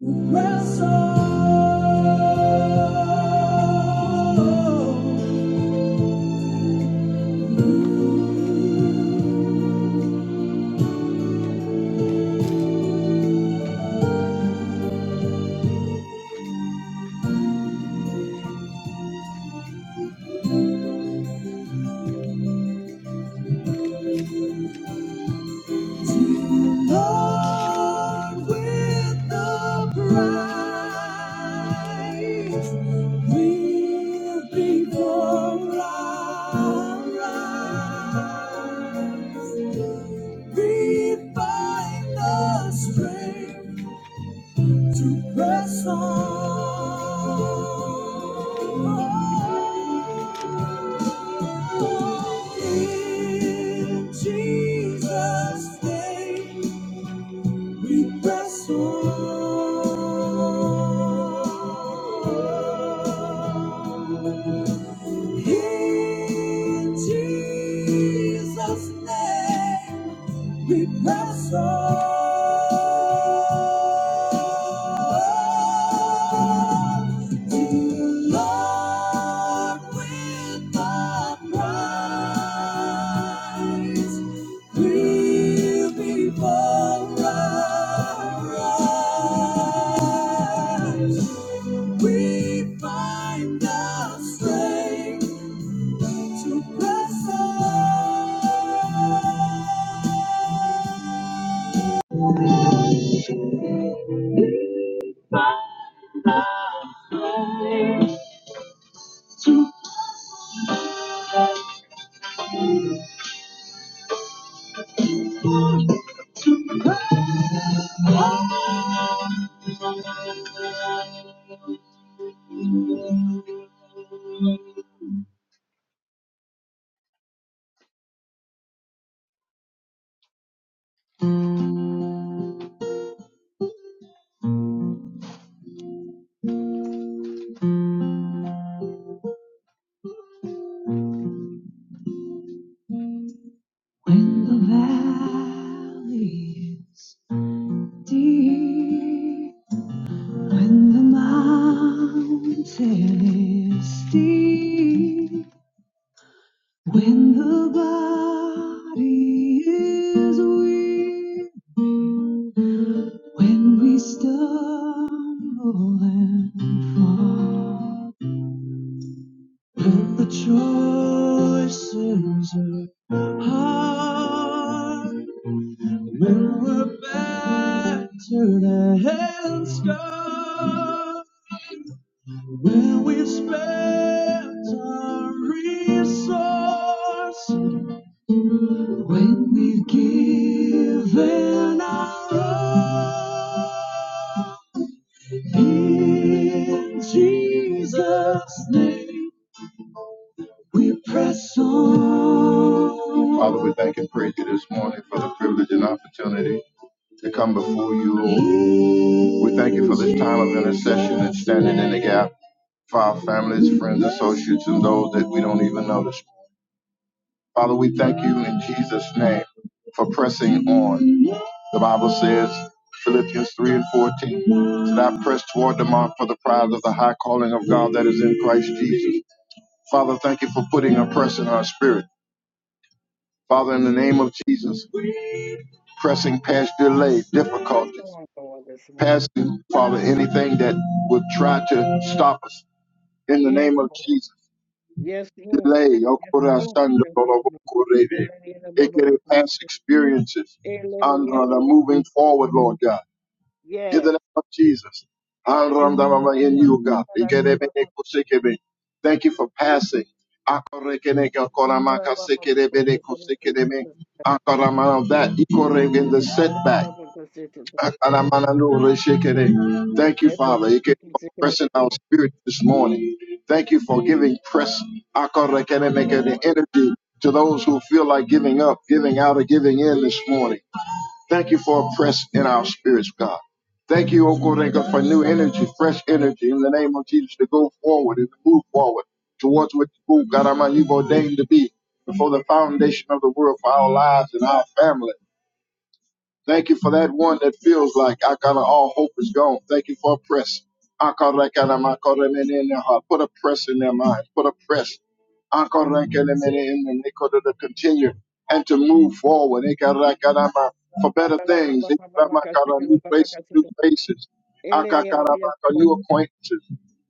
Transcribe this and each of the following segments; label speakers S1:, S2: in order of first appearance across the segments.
S1: Strength to press on. In Jesus' name, we press on. In Jesus' name, we press on. Lord, with the prize, will be polarized. We find the strength to press on. When the valley is deep When the mountain is steep, when the body is weary, when we stumble and fall, when the choices are hard, when we're battered and scarred. Will we spend our resource when we've given our all? In Jesus' name, we press on. Father, we thank and praise you this morning for the privilege and opportunity to come before you, Lord. We thank you for this time of intercession and standing in the gap. for our families, friends, associates, and those that we don't even notice. Father, we thank you in Jesus' name for pressing on. The Bible says, Philippians 3 and 14, that I press toward the mark for the prize of the high calling of God that is in Christ Jesus. Father, thank you for putting a press in our spirit. Father, in the name of Jesus, pressing past delay,
S2: Press
S1: difficulties,
S2: on, Lord, this morning.
S1: passing, Father, anything that would try to stop us. In the
S2: Yes,
S1: name of
S2: Lord.
S1: Jesus.
S2: Yes, Lord.
S1: delay,
S2: Yes,
S1: okora
S2: Lord.
S1: shanda
S2: Press on,
S1: lolobo
S2: Lord. They can
S1: korede.
S2: let it in, but- but-
S1: Ekere
S2: but- but-
S1: past experiences,
S2: Eh, Lord, Yes,
S1: andra the
S2: Lord.
S1: moving forward, Lord God, in the
S2: Yes.
S1: name of Jesus, andra
S2: Yes,
S1: nda mama in
S2: Lord.
S1: you,
S2: They
S1: God.
S2: can let it
S1: Ekere
S2: in, but-
S1: bene
S2: but-
S1: kusekebe. Thank you for passing. Akore kene ka kora
S2: but- but- but-
S1: maka
S2: but-
S1: sekere
S2: but-
S1: bene
S2: but-
S1: kusekere me. Akara mana of that, ikore
S2: Eh,
S1: in the
S2: let it in,
S1: setback.
S2: but- but- but- but- Eh,
S1: Thank you,
S2: let the
S1: Father, Ike,
S2: thinking
S1: for
S2: sick in the
S1: pressing
S2: name
S1: our
S2: of
S1: spirit this morning. Thank you for giving press akarekenemeke, the
S2: Lord.
S1: energy to those who feel like giving up, giving out, or giving in this morning. Thank you for a press in our spirits, God. Thank you, O God, for new energy, fresh energy in the name of Jesus to go forward and to move forward towards what you, God Almighty, you've ordained to be before the foundation of the world for our lives and our family. Thank you for that one that feels like I got all hope is gone. Thank you for a press. I call that kind of my call them in their heart. Put a press in their mind. Put a press. I call that kind of in them. They could to continue and to move forward. They got that kind of for better
S2: Ba- ba- ba-
S1: things.
S2: ba-
S1: They
S2: ba- ba-
S1: got
S2: ba-
S1: my
S2: ka-
S1: kind
S2: sick
S1: of
S2: in the-
S1: new
S2: ba- ba-
S1: places,
S2: ka- sick in
S1: new
S2: the-
S1: faces.
S2: Eh,
S1: I
S2: Lily,
S1: got kind
S2: yes,
S1: kind of
S2: Lord.
S1: new acquaintances.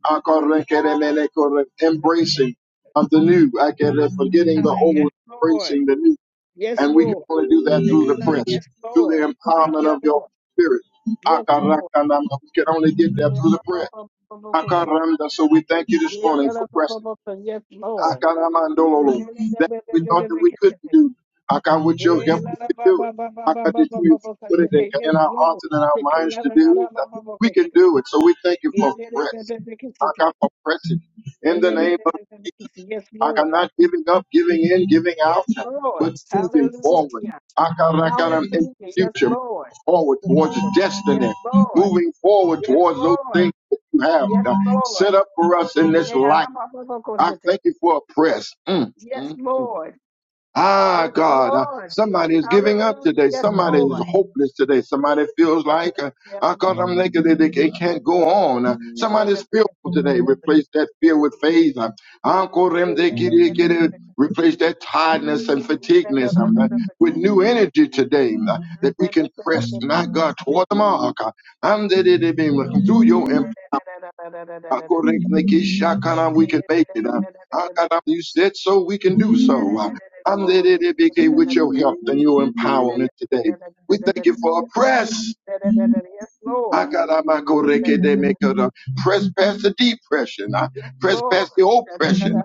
S1: I call that kind of
S2: Above, above, above, above.
S1: embracing of the new. I get it forgetting the
S2: Tell her,
S1: old,
S2: Yes, Lord.
S1: embracing the new.
S2: Yes,
S1: And we
S2: Lord.
S1: can only do that
S2: Hey,
S1: through the
S2: come on.
S1: press,
S2: Yes,
S1: through
S2: Lord.
S1: the
S2: Thank you,
S1: empowerment of your
S2: Lord.
S1: spirit.
S2: Yes, Lord.
S1: Akarakanama. We can only get there
S2: Hey,
S1: through
S2: I'm
S1: the
S2: up,
S1: press.
S2: up, up, up, up, up, up.
S1: Akaramda. So we thank you this
S2: Yeah, la,
S1: morning for
S2: la, ba, ba,
S1: Preston.
S2: ba, ba. Yes, Lord. Yeah,
S1: Akaramandololo.
S2: la, la,
S1: That
S2: ba, ba, ba,
S1: we
S2: ba, ba,
S1: thought that we couldn't
S2: ba.
S1: do. Aka, with your
S2: Yeah,
S1: help,
S2: la,
S1: we
S2: la,
S1: can
S2: ba,
S1: do
S2: ba, ba,
S1: it.
S2: ba, ba,
S1: Aka,
S2: ba,
S1: that
S2: ba,
S1: you
S2: ba, ba, ba.
S1: put it in
S2: Okay, Yes,
S1: in our
S2: Lord.
S1: hearts and in our
S2: Okay,
S1: minds
S2: la,
S1: to
S2: la, la, la,
S1: do.
S2: ba, ba, ba, ba,
S1: We
S2: ba.
S1: can do it. So we thank you
S2: Yeah,
S1: for
S2: la, la, ba, ba,
S1: Press.
S2: ba, ba, ba.
S1: Aka, for pressing. In
S2: Yeah,
S1: the
S2: la, la, la,
S1: name of
S2: la, la, la. Yes,
S1: Ak, I'm
S2: Lord.
S1: not giving up, giving in, giving out,
S2: Yes,
S1: but
S2: Lord.
S1: moving forward.
S2: Hallelujah.
S1: Akarakaram in
S2: Hallelujah.
S1: the
S2: Yes,
S1: future,
S2: Lord.
S1: forward
S2: Yes,
S1: towards destiny,
S2: Lord.
S1: moving forward
S2: Yes,
S1: towards those
S2: Lord.
S1: things that you have
S2: Yes,
S1: uh,
S2: Lord.
S1: set up for us in
S2: Yes,
S1: this life. I thank you for a press. Mm. mm.
S2: Lord.
S1: Ah,
S2: Yes,
S1: God, uh,
S2: Lord.
S1: somebody is giving up
S2: Hallelujah.
S1: today.
S2: Yes,
S1: Somebody is
S2: Lord.
S1: hopeless today. Somebody feels
S2: Yes,
S1: like, uh, ah, God, I'm naked. They, they they can't go on. Uh, somebody
S2: Yes,
S1: is fearful today. Replace that fear with faith. Uh, ah, God, them, they get it, get it. Replace that tiredness and fatigueness um, uh, with new energy today uh, that we can press, my God, toward the mark. Uh, I'm the, the, the, the, through your Akoreknekishakana, We can make it. Uh, Akana, You said so, we can do so. Uh, Anderebeke, With your help and your empowerment today. We thank you for a press. I
S2: Lord.
S1: got out my correct they make it up. Press past the depression. I
S2: Yes,
S1: press
S2: Lord.
S1: past the oppression.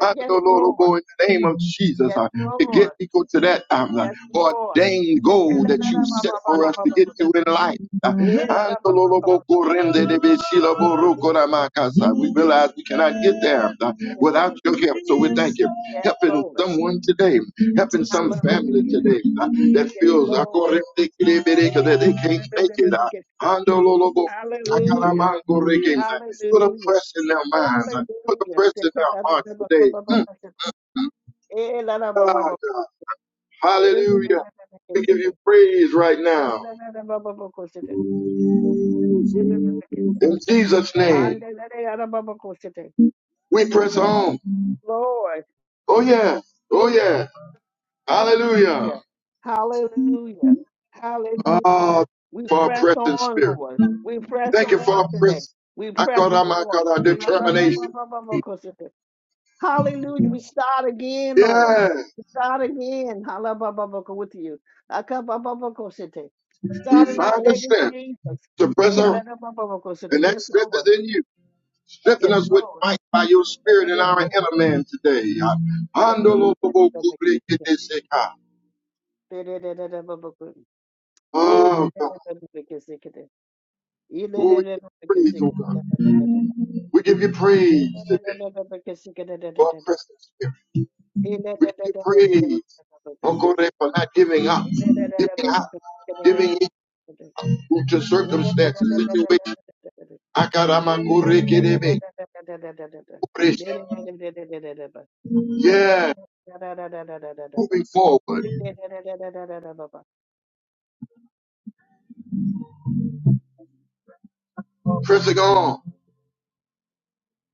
S1: I know,
S2: Yes,
S1: Lord, oh
S2: Lord.
S1: boy, in the name of Jesus,
S2: Yes,
S1: I, to get
S2: Lord.
S1: equal to that um, uh,
S2: Yes, Lord.
S1: ordained
S2: Yes,
S1: goal that you set for us to get to in life. Uh, I know, Lord, oh boy, corrende de besila boroko da makasa. We realize we cannot get there uh, without your help. So we thank you. Helping
S2: Lord.
S1: someone today, helping some family
S2: Hallelujah.
S1: today uh, that
S2: Yes,
S1: feels uh,
S2: Lord.
S1: corrende que they- make it, that they can't make it.
S2: Hallelujah.
S1: Andololobo, akalamango reggae. Put a
S2: Hallelujah.
S1: press in their minds. Put a press in their hearts today. Ah,
S2: Hallelujah.
S1: God. Hallelujah. We give you praise right now. In Jesus' name, we press on.
S2: Lord,
S1: Oh, yeah. Oh, yeah. Hallelujah.
S2: yeah. Hallelujah.
S1: Ah,
S2: Hallelujah. We
S1: for our
S2: press
S1: pressing
S2: on,
S1: spirit.
S2: Lord. We press
S1: Thank you for
S2: on
S1: our
S2: today.
S1: press.
S2: We
S1: I
S2: press
S1: call out my
S2: on.
S1: God, our determination.
S2: Hallelujah. We start again, Lord.
S1: Yeah.
S2: We start again. Hallelujah. With you.
S1: We
S2: Starting our
S1: find the
S2: day with
S1: strength
S2: Jesus.
S1: to press on. And that
S2: Yes,
S1: strength
S2: Lord.
S1: is in you. Strengthen
S2: Yes,
S1: us with might by your spirit in our inner man today.
S2: Lord. Baba
S1: Oh, God. Oh, we give you praise, oh God. We give you praise today for our present spirit. We give you praise, oh God, for not giving up, giving up, giving in to circumstances, situations. Yeah, moving forward, pressing on.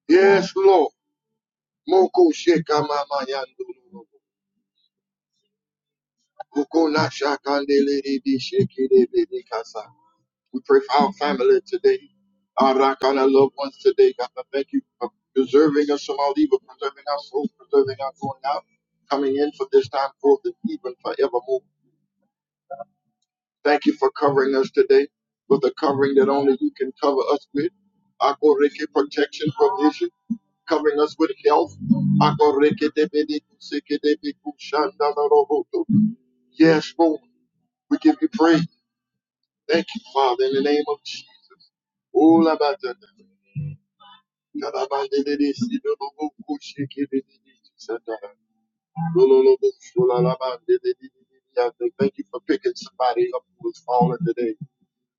S1: Yes, Lord. Moko sheka mama yandu. We pray for our family today. Arakana loved ones today. God, I thank you for preserving us from all evil, preserving our souls, preserving our going out, coming in for this time, forth, and even forevermore. Thank you for covering us today with the covering that only you can cover us with. Akoreke protection, provision, covering us with health. Akoreke debede kuseke debedeku sekedebeku shandalarohoto. Yes, Lord, we give you praise. Thank you, Father, in the name of Jesus. All about that. Thank you for picking somebody up who was falling today.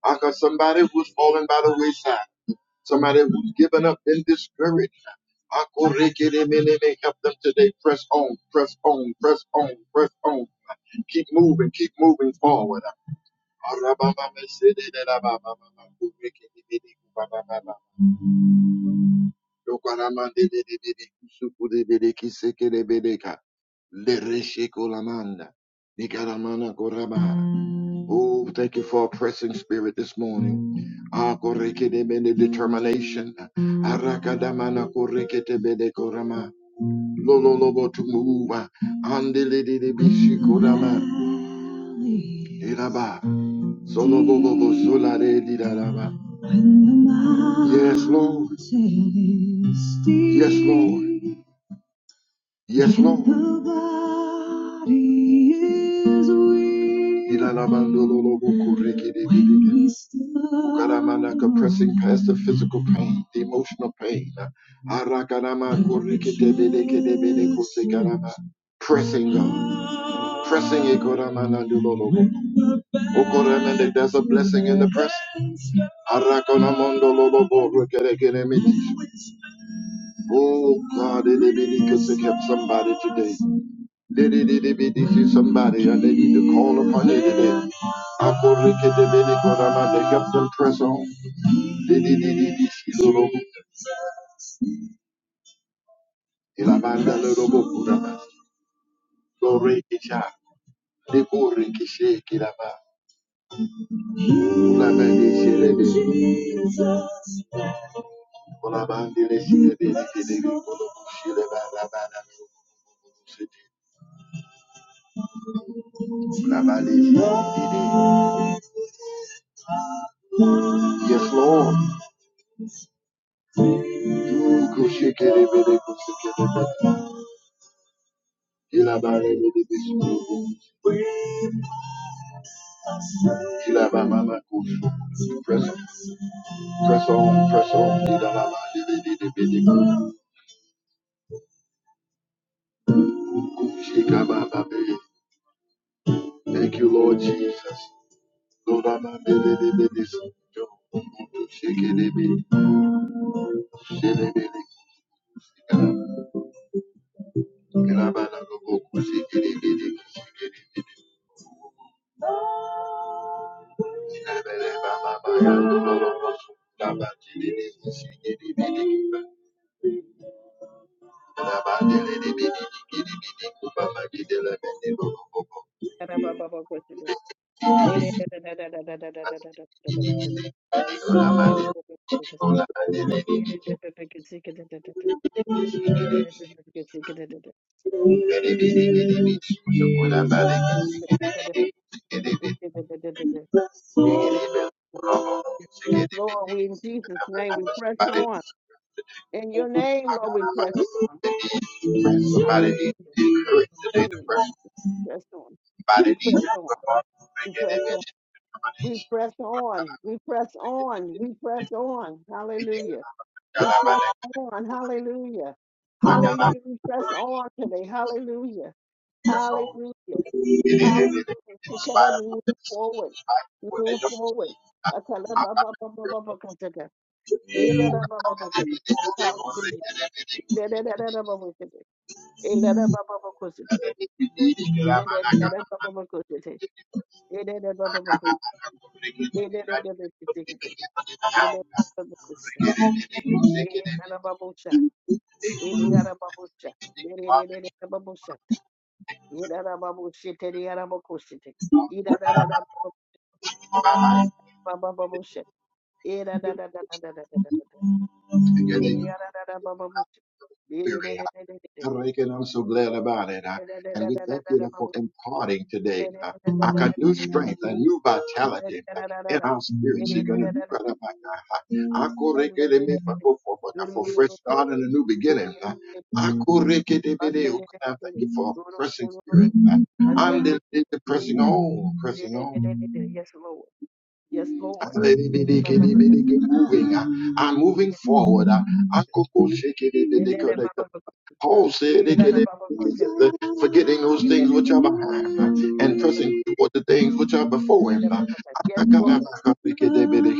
S1: I got somebody who was falling by the wayside, somebody who was giving up and discouraged. I go make it in and they help them today. Press on, press on, press on, press on. Keep moving, keep moving forward. Arababa me se de de la ba ba ba ba. Go reke de me de. Ba ba ba ba. Yokaramandebedebede kusukudebede kisekedebedeka. Lereshekolamanda. Nikaramana koraba. Oh, thank you for a pressing spirit this morning. Ah, korekedebede Determination. Arakadamana koreketebede korama. Lololobo to move. Andelebede bishikorama. Iraba. Solo bobo bo solare di da da ba. Yes, Lord. Yes, Lord. Yes, Lord. The body is weak. Ilalabandololobokorekedededeke. When Pressing past the physical pain, the emotional pain. Arakaramakorekedededekedebedekose karama. Pressing God. Pressing Ikoramanandololoboko. Okoramende, There's a blessing in the pressing. Arakonamondololoborekedekedemedi. Oh God, it because it somebody today. Did it see somebody and they need to call upon it today. Akorikidibidikoramande, Help them press on. Dididididisidobo, ilamandadobo, kurama, gorikisha, dikorikishe, kirama, ulamandishirebe, ulamandilishirebe, ulamandishirebe, ulamandishirebe, ulamandishirebe. Yes, Lord. Do kushekerebere kusekerebere. Ilabarebere Ilabamama kusho. Press press on, press on. Ilabababebebebebe. Kushikabababe. Thank you, Lord Jesus. Lodababebebebe. Kushekerebe. Shelebele. Ilabanabobo. Kushekerebe.
S2: Yes,
S1: Thank you. Somebody needs to be
S2: Lord, we in Jesus' name we press on. In your name, Lord, we press on.
S1: encouraged
S2: Hallelujah.
S1: today. The
S2: Hallelujah.
S1: person,
S2: Press on.
S1: somebody
S2: We press
S1: needs
S2: on.
S1: to God
S2: We press on. We press on. We press on. We press on. Hallelujah. We
S1: God
S2: press on. Hallelujah.
S1: I'm not
S2: Hallelujah. We press
S1: going
S2: on today. Hallelujah.
S1: to. God, I'm
S2: Hallelujah.
S1: It is. It is.
S2: Hallelujah.
S1: In
S2: She can
S1: spite
S2: never
S1: of what
S2: move
S1: they see, in
S2: forward.
S1: spite of
S2: We
S1: what they
S2: Move
S1: don't
S2: forward.
S1: see, I, I'm not going to.
S2: Akalabababababakataka. Ilalabababakataka. Hallelujah. Ilalabababakataka. Ilalabababakataka. Ilalabababakataka. Ilalabababakataka. Ilalabababakataka. Ilalabababakataka. Ilalababucha. Ilalababucha. Ilalalababucha. Era da babusha, teri era babusha.
S1: Yeah,
S2: Ei da da da da babusha, babababusha. Ei da da da da da
S1: they-
S2: Diri yara da da baba babu shite. Diri de
S1: Spirit.
S2: de de de de de.
S1: Break, and I'm so glad about it.
S2: Diri
S1: uh,
S2: de de de
S1: And
S2: de
S1: we
S2: de de
S1: thank
S2: de
S1: you
S2: de
S1: for
S2: babu.
S1: imparting
S2: Diri
S1: today
S2: de
S1: uh,
S2: de de de
S1: a
S2: de.
S1: new strength, a new
S2: Andari
S1: vitality uh,
S2: yara
S1: in
S2: da,
S1: our spirits.
S2: teri
S1: You're gonna
S2: era
S1: do
S2: da da
S1: kind
S2: babusha.
S1: of like, uh, uh,
S2: Teri teri teri teri,
S1: Akorekeleme
S2: teri teri teri
S1: fako uh,
S2: teri
S1: For fresh
S2: babusha.
S1: start and a new
S2: Teri
S1: beginning.
S2: teri
S1: uh,
S2: teri
S1: Akorekedebede, oh
S2: teri,
S1: God, I Thank you for a pressing spirit. uh, and the, the, the pressing on, pressing
S2: teri teri
S1: on.
S2: teri teri. Yes Lord, yes Lord.
S1: And the-
S2: Diri de baba babu
S1: Moving uh, and moving forward.
S2: shite.
S1: uh,
S2: Yes,
S1: Paul said, forgetting those things which are behind uh, and pressing toward the things which are before him. uh. Ah, ah,
S2: Lord.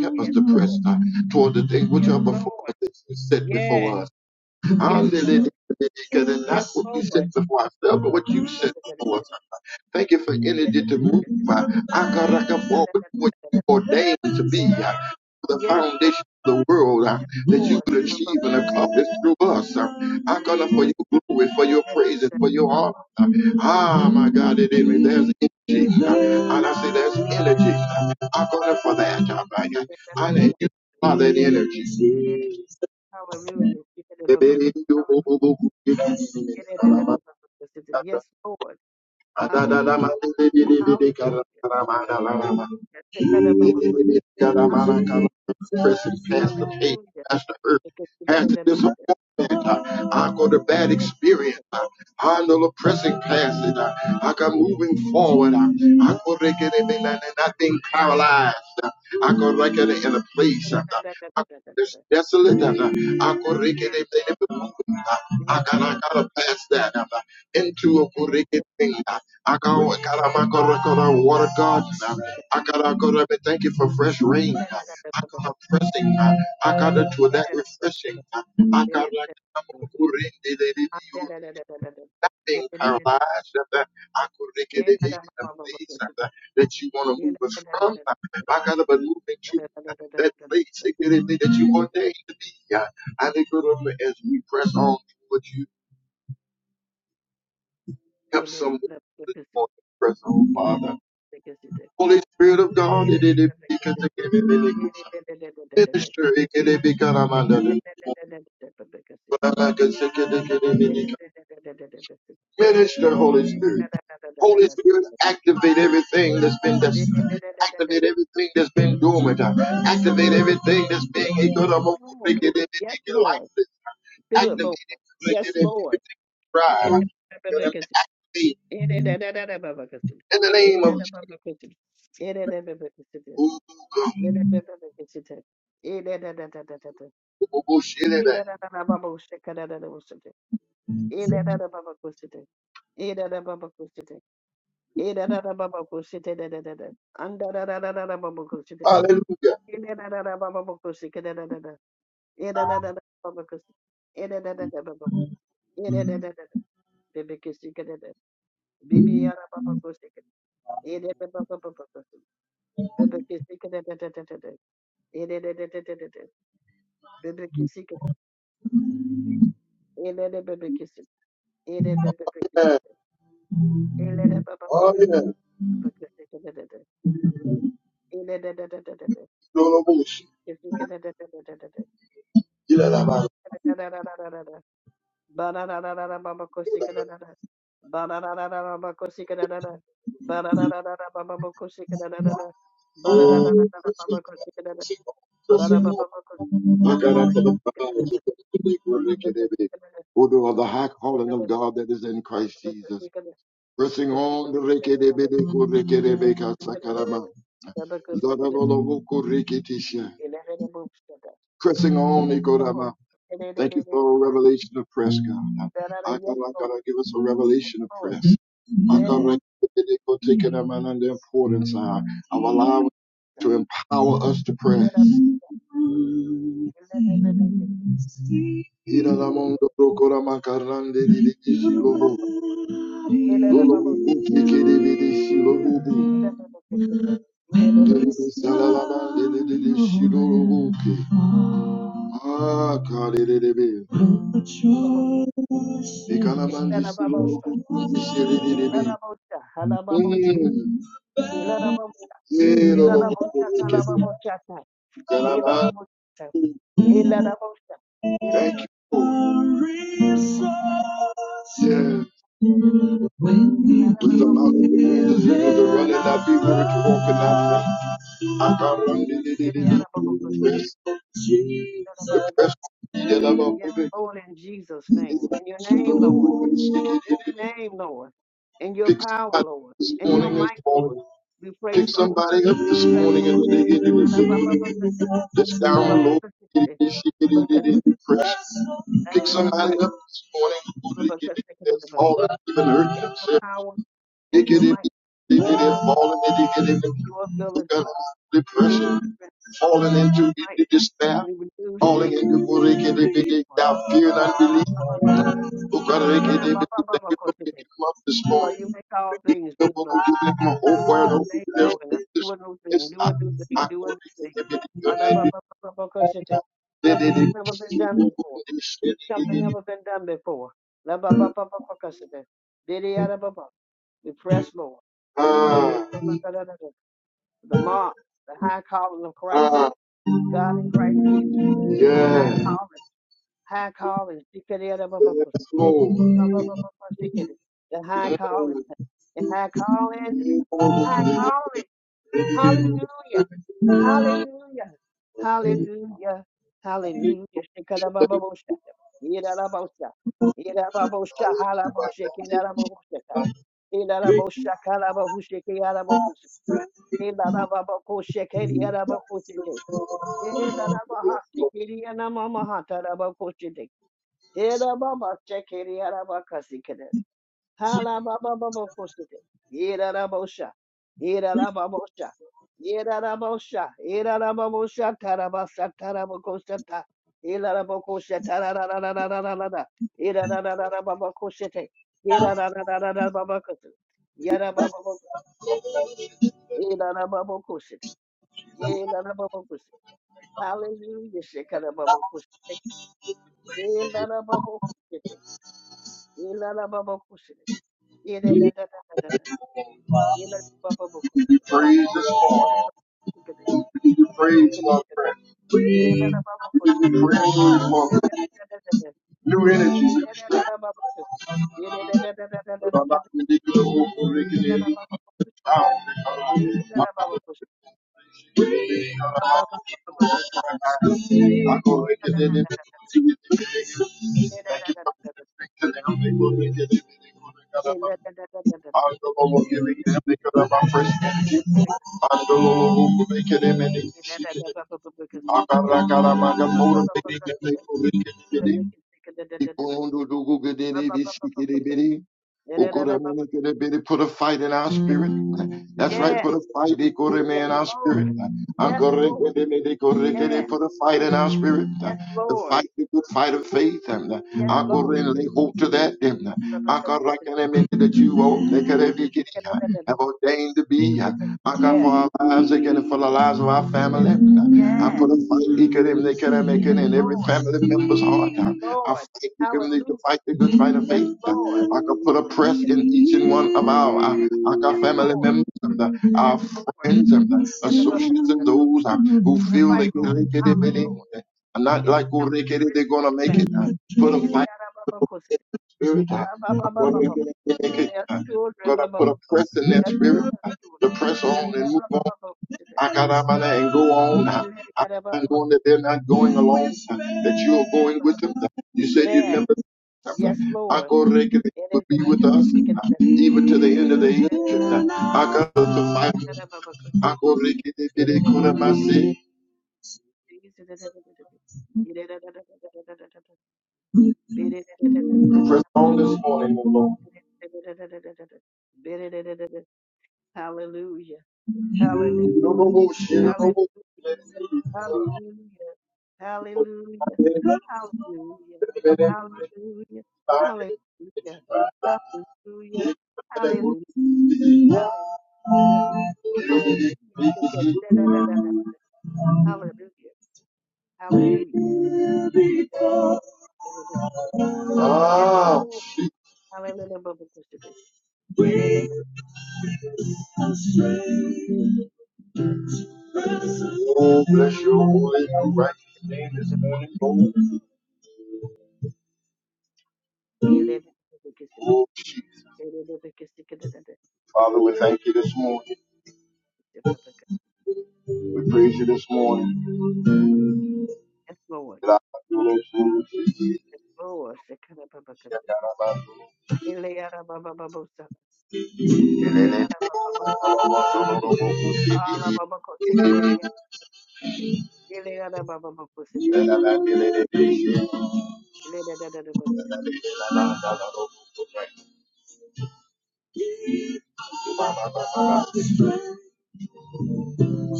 S1: Help us
S2: Yes,
S1: to press
S2: Lord.
S1: uh, toward the things which
S2: Yes,
S1: are before
S2: Lord.
S1: us, that you set before
S2: Yes.
S1: us. And
S2: Yes,
S1: the- the- the-
S2: Lord.
S1: not
S2: Yes,
S1: what we set
S2: Lord.
S1: before ourselves, but what
S2: Yes.
S1: you set before us. Thank you for energy to move. i Akaraka, forward to what you ordained to be, uh, the
S2: Yes, Lord.
S1: foundation of the world uh,
S2: Yes,
S1: that you
S2: Lord.
S1: would achieve and accomplish through us. Uh, Akara, for your glory, for your praise, and for your honor. uh. ah, my God, it is. There's energy. uh, and I say there's energy. uh. Akara, for that. Uh, I, I need you for that energy.
S2: Hallelujah. Hallelujah. Yes, Lord.
S1: Pressing past
S2: Hallelujah. Hallelujah. Hallelujah. Take care of them, Mama. Hallelujah.
S1: the pain,
S2: Hallelujah.
S1: past the hurt,
S2: Take care take care
S1: past
S2: of
S1: the
S2: them.
S1: disappointment.
S2: Take
S1: uh, I go to bad
S2: care of them. Take care of
S1: experience. uh, I know the pressing past it. uh, I got moving forward. uh, I got to get it and not not being paralyzed. I got to get it in a place. uh, I go this desolate. uh, I go to get it and
S2: them.
S1: moving. uh, I gotta, I gotta pass that into a wicked thing. Akara makara kara water garden. Akara kara me thank you for fresh rain. Akara pressing. Akara to that refreshing. Akara kama kurindi de de you. Nothing paralyzed. Akara kede de de the place that you want to move us from. Akara but moving to that place that you ordained to be. Akara as we press on. towards you.
S2: Take
S1: help someone
S2: care of
S1: this
S2: them.
S1: morning, press on,
S2: Yes,
S1: Father. Holy Spirit of God, it is because I give it can be really good. Minister, it can be kind of under the- but I like to say, it can be really Minister, Holy Spirit. Holy Spirit, activate everything that's been destined. Activate everything that's been dormant. Activate everything that's being economical, make
S2: Lord.
S1: it make
S2: Yes,
S1: it
S2: Lord.
S1: lifeless.
S2: Do it,
S1: Activate
S2: Lord.
S1: it, make it
S2: Yes, Lord.
S1: make
S2: She
S1: thrive.
S2: can
S1: Activate in the name of Jesus.
S2: Irararababakushite. Irararababakushite da da da da. Andarararababakushite.
S1: Hallelujah.
S2: Irararababakushike da da da da. Irararababakushite. Irararababab- Irarararara. Bebekeshike da da. Bibiyarababakushike. Irararababakushite. Bebekeshike da da da da da da. Irarararara. Bebekeshike. Irararabebekeshike.
S1: Yeah.
S2: Irararabebekeshike.
S1: Oh,
S2: Irararababakushike
S1: yeah.
S2: da da da. Irarararara.
S1: No, no, bullshit.
S2: Bebekeshike da da da da da.
S1: You know that,
S2: Banana
S1: man. Oh, bless you, God. Bless you, God. Bless you, God. I got after the proud, the wicked, and every Order of the high calling of God that is in Christ Jesus. Pressing on the rekedebedekurekedebekasakarama. Ladalolobokureketisha. Pressing on, Ikorama. Thank you for a revelation of press, God. I
S2: Yes,
S1: gotta, I gotta give us a revelation of
S2: over.
S1: prayer. I God, we're taking a man and the importance uh, of allowing
S2: Yes.
S1: to empower us to pray. Ira la mondo procura macarrande di di di si lo lo lo bu che che di di di si lo bu di di di sa la la la di di di di si lo lo bu ah cari di di di, di cala mandi si lo lo bu di si di di di Mm. Yeah, Lord, Lord, Lord, Lord, Lord, Lord, Thank you. Lord. Yeah. With the mouth of the winds, you know, the running that people walking out I can run the the the the the press. The press the the love of
S2: Yes,
S1: God, it
S2: Lord, in Jesus'
S1: is
S2: name.
S1: the
S2: In your name, Lord.
S1: Lord. Shake it, is the-
S2: In
S1: it, it, it.
S2: your name, Lord. In your
S1: Big
S2: power,
S1: spot
S2: Lord.
S1: this
S2: In your
S1: morning is
S2: might,
S1: falling.
S2: Lord. We
S1: Pick
S2: praise on.
S1: somebody up
S2: We
S1: this
S2: press
S1: morning
S2: on.
S1: and then they get it and
S2: And
S1: they Let's download it, it, Pick
S2: Your
S1: somebody
S2: spirit.
S1: up this morning who they get it that's fallen, even hurt
S2: In your
S1: themselves.
S2: power,
S1: They
S2: in
S1: get
S2: your
S1: it,
S2: might,
S1: they get
S2: in
S1: it,
S2: your,
S1: falling, they get it,
S2: your
S1: who got
S2: ability. Renewed
S1: depression,
S2: strength.
S1: falling
S2: Renewed
S1: into
S2: might.
S1: despair,
S2: Renewed renewed
S1: falling
S2: strength.
S1: into what they
S2: Renewed
S1: get it,
S2: might.
S1: they
S2: Lord,
S1: doubt, fear, and
S2: Ah,
S1: unbelief. Who got it, they get it, they get it, they get up this morning.
S2: Lord, you make all things
S1: the
S2: new, Lord.
S1: whole
S2: Do a new
S1: world up.
S2: thing,
S1: There's
S2: Lord
S1: no
S2: God. Do a new thing. Do a new
S1: not
S2: thing.
S1: my
S2: Do a new thing. Alabababababakashite. Something that's never been done before. Something never been done before. Labababababakashite. Didiyadababa. We press, Lord.
S1: Ah,
S2: The mark, the high calling of Christ.
S1: ah,
S2: God in Christ Jesus. High
S1: yeah.
S2: calling. High calling. Shikadiyadababakashite.
S1: Yes, Lord.
S2: Bababababakashite. The
S1: We
S2: high calling. The high calling. High calling. Hallelujah. Hallelujah. Hallelujah. Hallelujah. Shekarababosha. Yerababosha. Yerababosha. Halabosha. Kiyarabosha. Yerabosha. Kalabahusha. Kiyarabosha. Yerababakosha. Kiyarabosha. Yerabaha. Kiriyanamamaha. Tarabakosha. Yerababa. Kiriyanabakasi. Hala Halababababakosite. Yerarabosha. Yerarababosha. Yerarabosha. Yerarababosha. Tarabasa tarabakosata. Yerarabakosha. Tarararararararara. Yerararararababakosite. Yerararararababakosite. Yarabababak- Yerarababakosite. Yerarababakosite. Hallelujah. Shekarababakosite. Yerarababakosite. Yerarababakosite. Yerararararara. Yerarababakosite.
S1: praise this Lord. We praise, my friend. We give you praise, Lord. New energies and strength. Thank you for the and the Lord give it to me, God, my first energy. And the Lord will make it a minute, she can. Akarakaramaka, motivating, and they will make it. Ikondo dogo gedede bisikede bede. Okoremene kerebede. Put a fight in our spirit. That's right.
S2: Yeah.
S1: Put a fight ikoreme,
S2: Yes,
S1: in our spirit.
S2: Lord. Yes, Lord.
S1: Ankorekedemede korekede.
S2: Yes.
S1: Put a fight in our spirit.
S2: Yes,
S1: The
S2: Lord.
S1: fight, the good fight of faith.
S2: Yes, Lord.
S1: Akoren Lay hold to that.
S2: Because it is-
S1: Akarakenemene That you all have ordained to be.
S2: because-
S1: I God, for
S2: Yes. Yes.
S1: our lives again and for the lives of our family. I
S2: Yes.
S1: put a fight equal they can make
S2: Yes,
S1: it in every
S2: Lord.
S1: family member's heart.
S2: Yes,
S1: uh, I
S2: Lord.
S1: fight equal to
S2: Hallelujah.
S1: fight the good fight of
S2: Yes,
S1: faith. uh.
S2: Lord.
S1: I can put a
S2: Because-
S1: press
S2: Yes.
S1: in each and one of our uh, I
S2: Yes,
S1: family
S2: Lord.
S1: members and uh, our
S2: Yes, Lord.
S1: friends and uh,
S2: To
S1: associates and those uh, who
S2: the
S1: feel
S2: fight,
S1: they can
S2: Lord.
S1: make it if
S2: Thomas,
S1: it
S2: Lord.
S1: is. And not
S2: His
S1: like who
S2: family.
S1: they can if
S2: Rich
S1: they're
S2: and
S1: gonna
S2: his
S1: make it. Uh, put a fight spirit. Uh, I'm gonna
S2: family.
S1: make it, make it.
S2: They are
S1: Uh,
S2: children.
S1: gonna
S2: Blah, blah,
S1: put
S2: blah,
S1: a
S2: blah.
S1: press in their
S2: They are children.
S1: spirit uh,
S2: Children.
S1: to press
S2: It
S1: on
S2: can
S1: and
S2: have
S1: move
S2: blah, blah,
S1: on
S2: blah, blah. It can
S1: Akaramana, and go on. I'm
S2: have blah,
S1: not
S2: blah, blah,
S1: going
S2: blah, blah.
S1: that they're not going alone, that you are going with them. You said
S2: Yes,
S1: you'd never leave them.
S2: Lord. Yes, Lord.
S1: Akoreke, that
S2: It
S1: would
S2: is in
S1: be
S2: the
S1: with us
S2: thickest, it can have the thickest,
S1: even to the end of the
S2: it is in the
S1: age.
S2: thickest, it can
S1: Akaratamai,
S2: have blah, blah, blah.
S1: Akoreke, that
S2: It
S1: they
S2: is in the
S1: could have not
S2: thickest,
S1: seen.
S2: it is in the thickest, it is in the thickest. It is in the thickest, it is in the thickest. It is in the thickest, it is
S1: Press on this morning, O Lord.
S2: in the thickest, it is in the thickest. It is in the thickest. Hallelujah. Hallelujah.
S1: No, no, no, she, no, no, no.
S2: Hallelujah. Hallelujah. Hallelujah. Hallelujah. Hallelujah. Hallelujah. Hallelujah. Hallelujah. Hallelujah. Hallelujah. Take it. Da, da, da, da, da. da. Hallelujah. Hallelujah. Yes, Lord. Da, da, da, da. Yes,
S1: Ah,
S2: Lord. Hallelujah. Ba- ba- ba- ba- Da, da, da, da, da. Eh, da, da, da, da, da,
S1: oh, bless your holy and righteous
S2: da,
S1: name this
S2: da,
S1: morning, Lord.
S2: Eh, da, da, da, da. da- da. Eh, da, da, da, da, da, da.
S1: Oh, Jesus.
S2: Eh, da, da, da, da, da, da, da, da. da-
S1: Father, we thank you this morning.
S2: da.
S1: We praise you this morning.
S2: Yes, Lord.
S1: Yes, Lord.
S2: Yes, Lord. Shekana Baba Kasu. Ele Ara Baba Babu Sana. Ala baba ko tikere ni. Ile ala baba baba ko sete. Ile da da da da baba.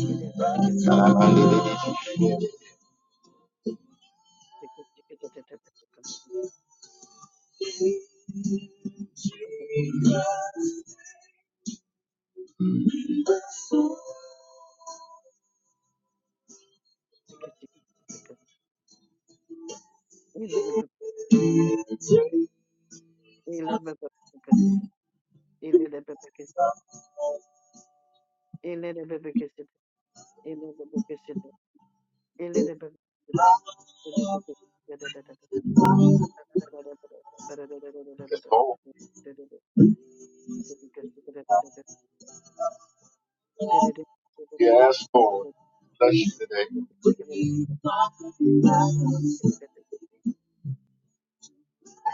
S2: Ile da da ke ke ke ke ke ke ke ke. Ile da baba. Ile da baba ko sete. da baba ke sete. Ile da baba ke sete. Ile da baba ke sete. Ile da baba ke sete. Ile da baba da da da da. Da da da da da
S1: Yes, Lord. Bless you today.
S2: da da da.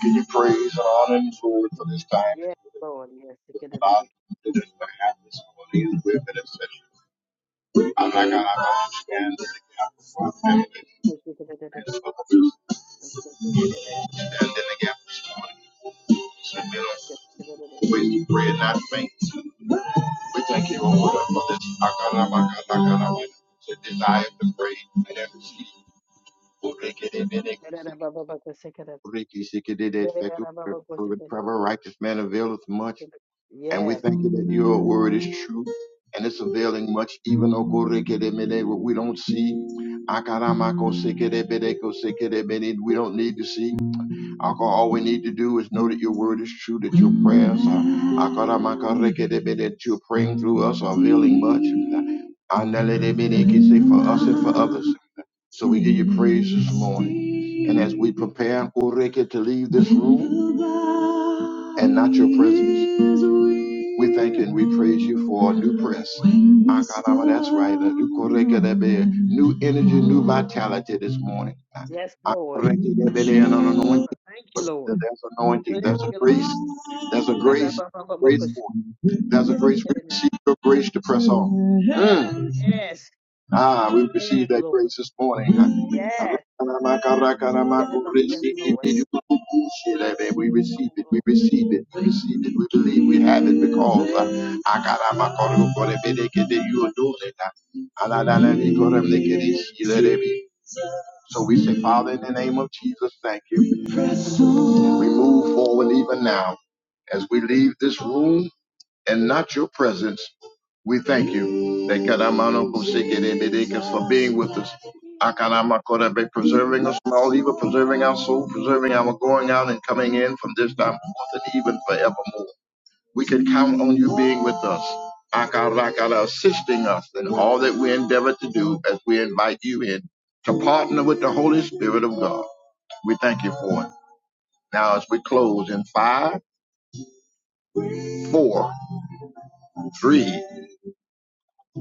S1: Can you praise and honor the Lord for this time?
S2: Yes, Lord, yes.
S1: About the happiness of these women and children. I thank God. I understand that they have a lot of enemies. And then again this morning, we always pray not to faint. We thank you Lord for this. I got a, I got a, I got a woman who desires to pray and to see. Who they get in and who they get out. Who they get in and who they get out. For the righteous man avails much. And we
S2: Yes.
S1: thank you that your word is true and it's availing much, even though Gorekedemene, what we don't see. Akaramakosekedebedekosekedebene, We don't need to see. Aka, All we need to do is know that your word is true, that your prayers are Akaramakorekedebe, that you're praying through us are availing much. Analedebene, can say for us and for others. So we give you praise this morning. And as we prepare, O Reke, to leave this room and not your presence, we thank you and we praise you for a new press. Akalama, That's right. a new Koreke, that be New energy, new vitality this morning.
S2: Yes, Lord.
S1: Reke, that be an anointing.
S2: Thank you, Lord.
S1: There's anointing.
S2: Thank
S1: There's a
S2: you,
S1: grace.
S2: Lord.
S1: There's a
S2: Yes,
S1: grace. Grace for. you. There's a grace. We receive your grace to press on. Mm.
S2: yes,
S1: Ah, we receive
S2: yes,
S1: that
S2: Lord.
S1: grace this morning. We
S2: Yes, yes, Lord.
S1: receive it, we receive it, we receive it, we believe we have it because uh, you are doing it. So we say, Father, in the name of Jesus, thank you. We move forward even now as we leave this room and not your presence. We thank you Ekaramano kusikirebedeka, for being with us. Akaramakorabe, Preserving us from all evil, preserving our soul, preserving our going out and coming in from this time forth and even forevermore. We can count on you being with us, Akarakara, assisting us in all that we endeavor to do as we invite you in to partner with the Holy Spirit of God. We thank you for it. Now, as we close in five, four, three,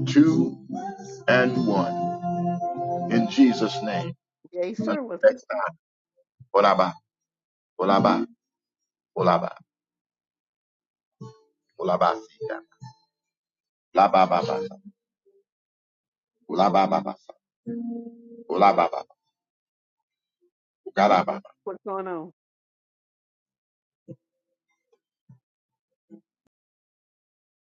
S1: two, and one. in Jesus' name.
S2: Yes,
S1: Until
S2: sir. What's, up?
S1: next time. Olaba, olaba, olaba, olaba, sika. Laba, baba, olaba, baba, olaba, baba,
S2: what's going on?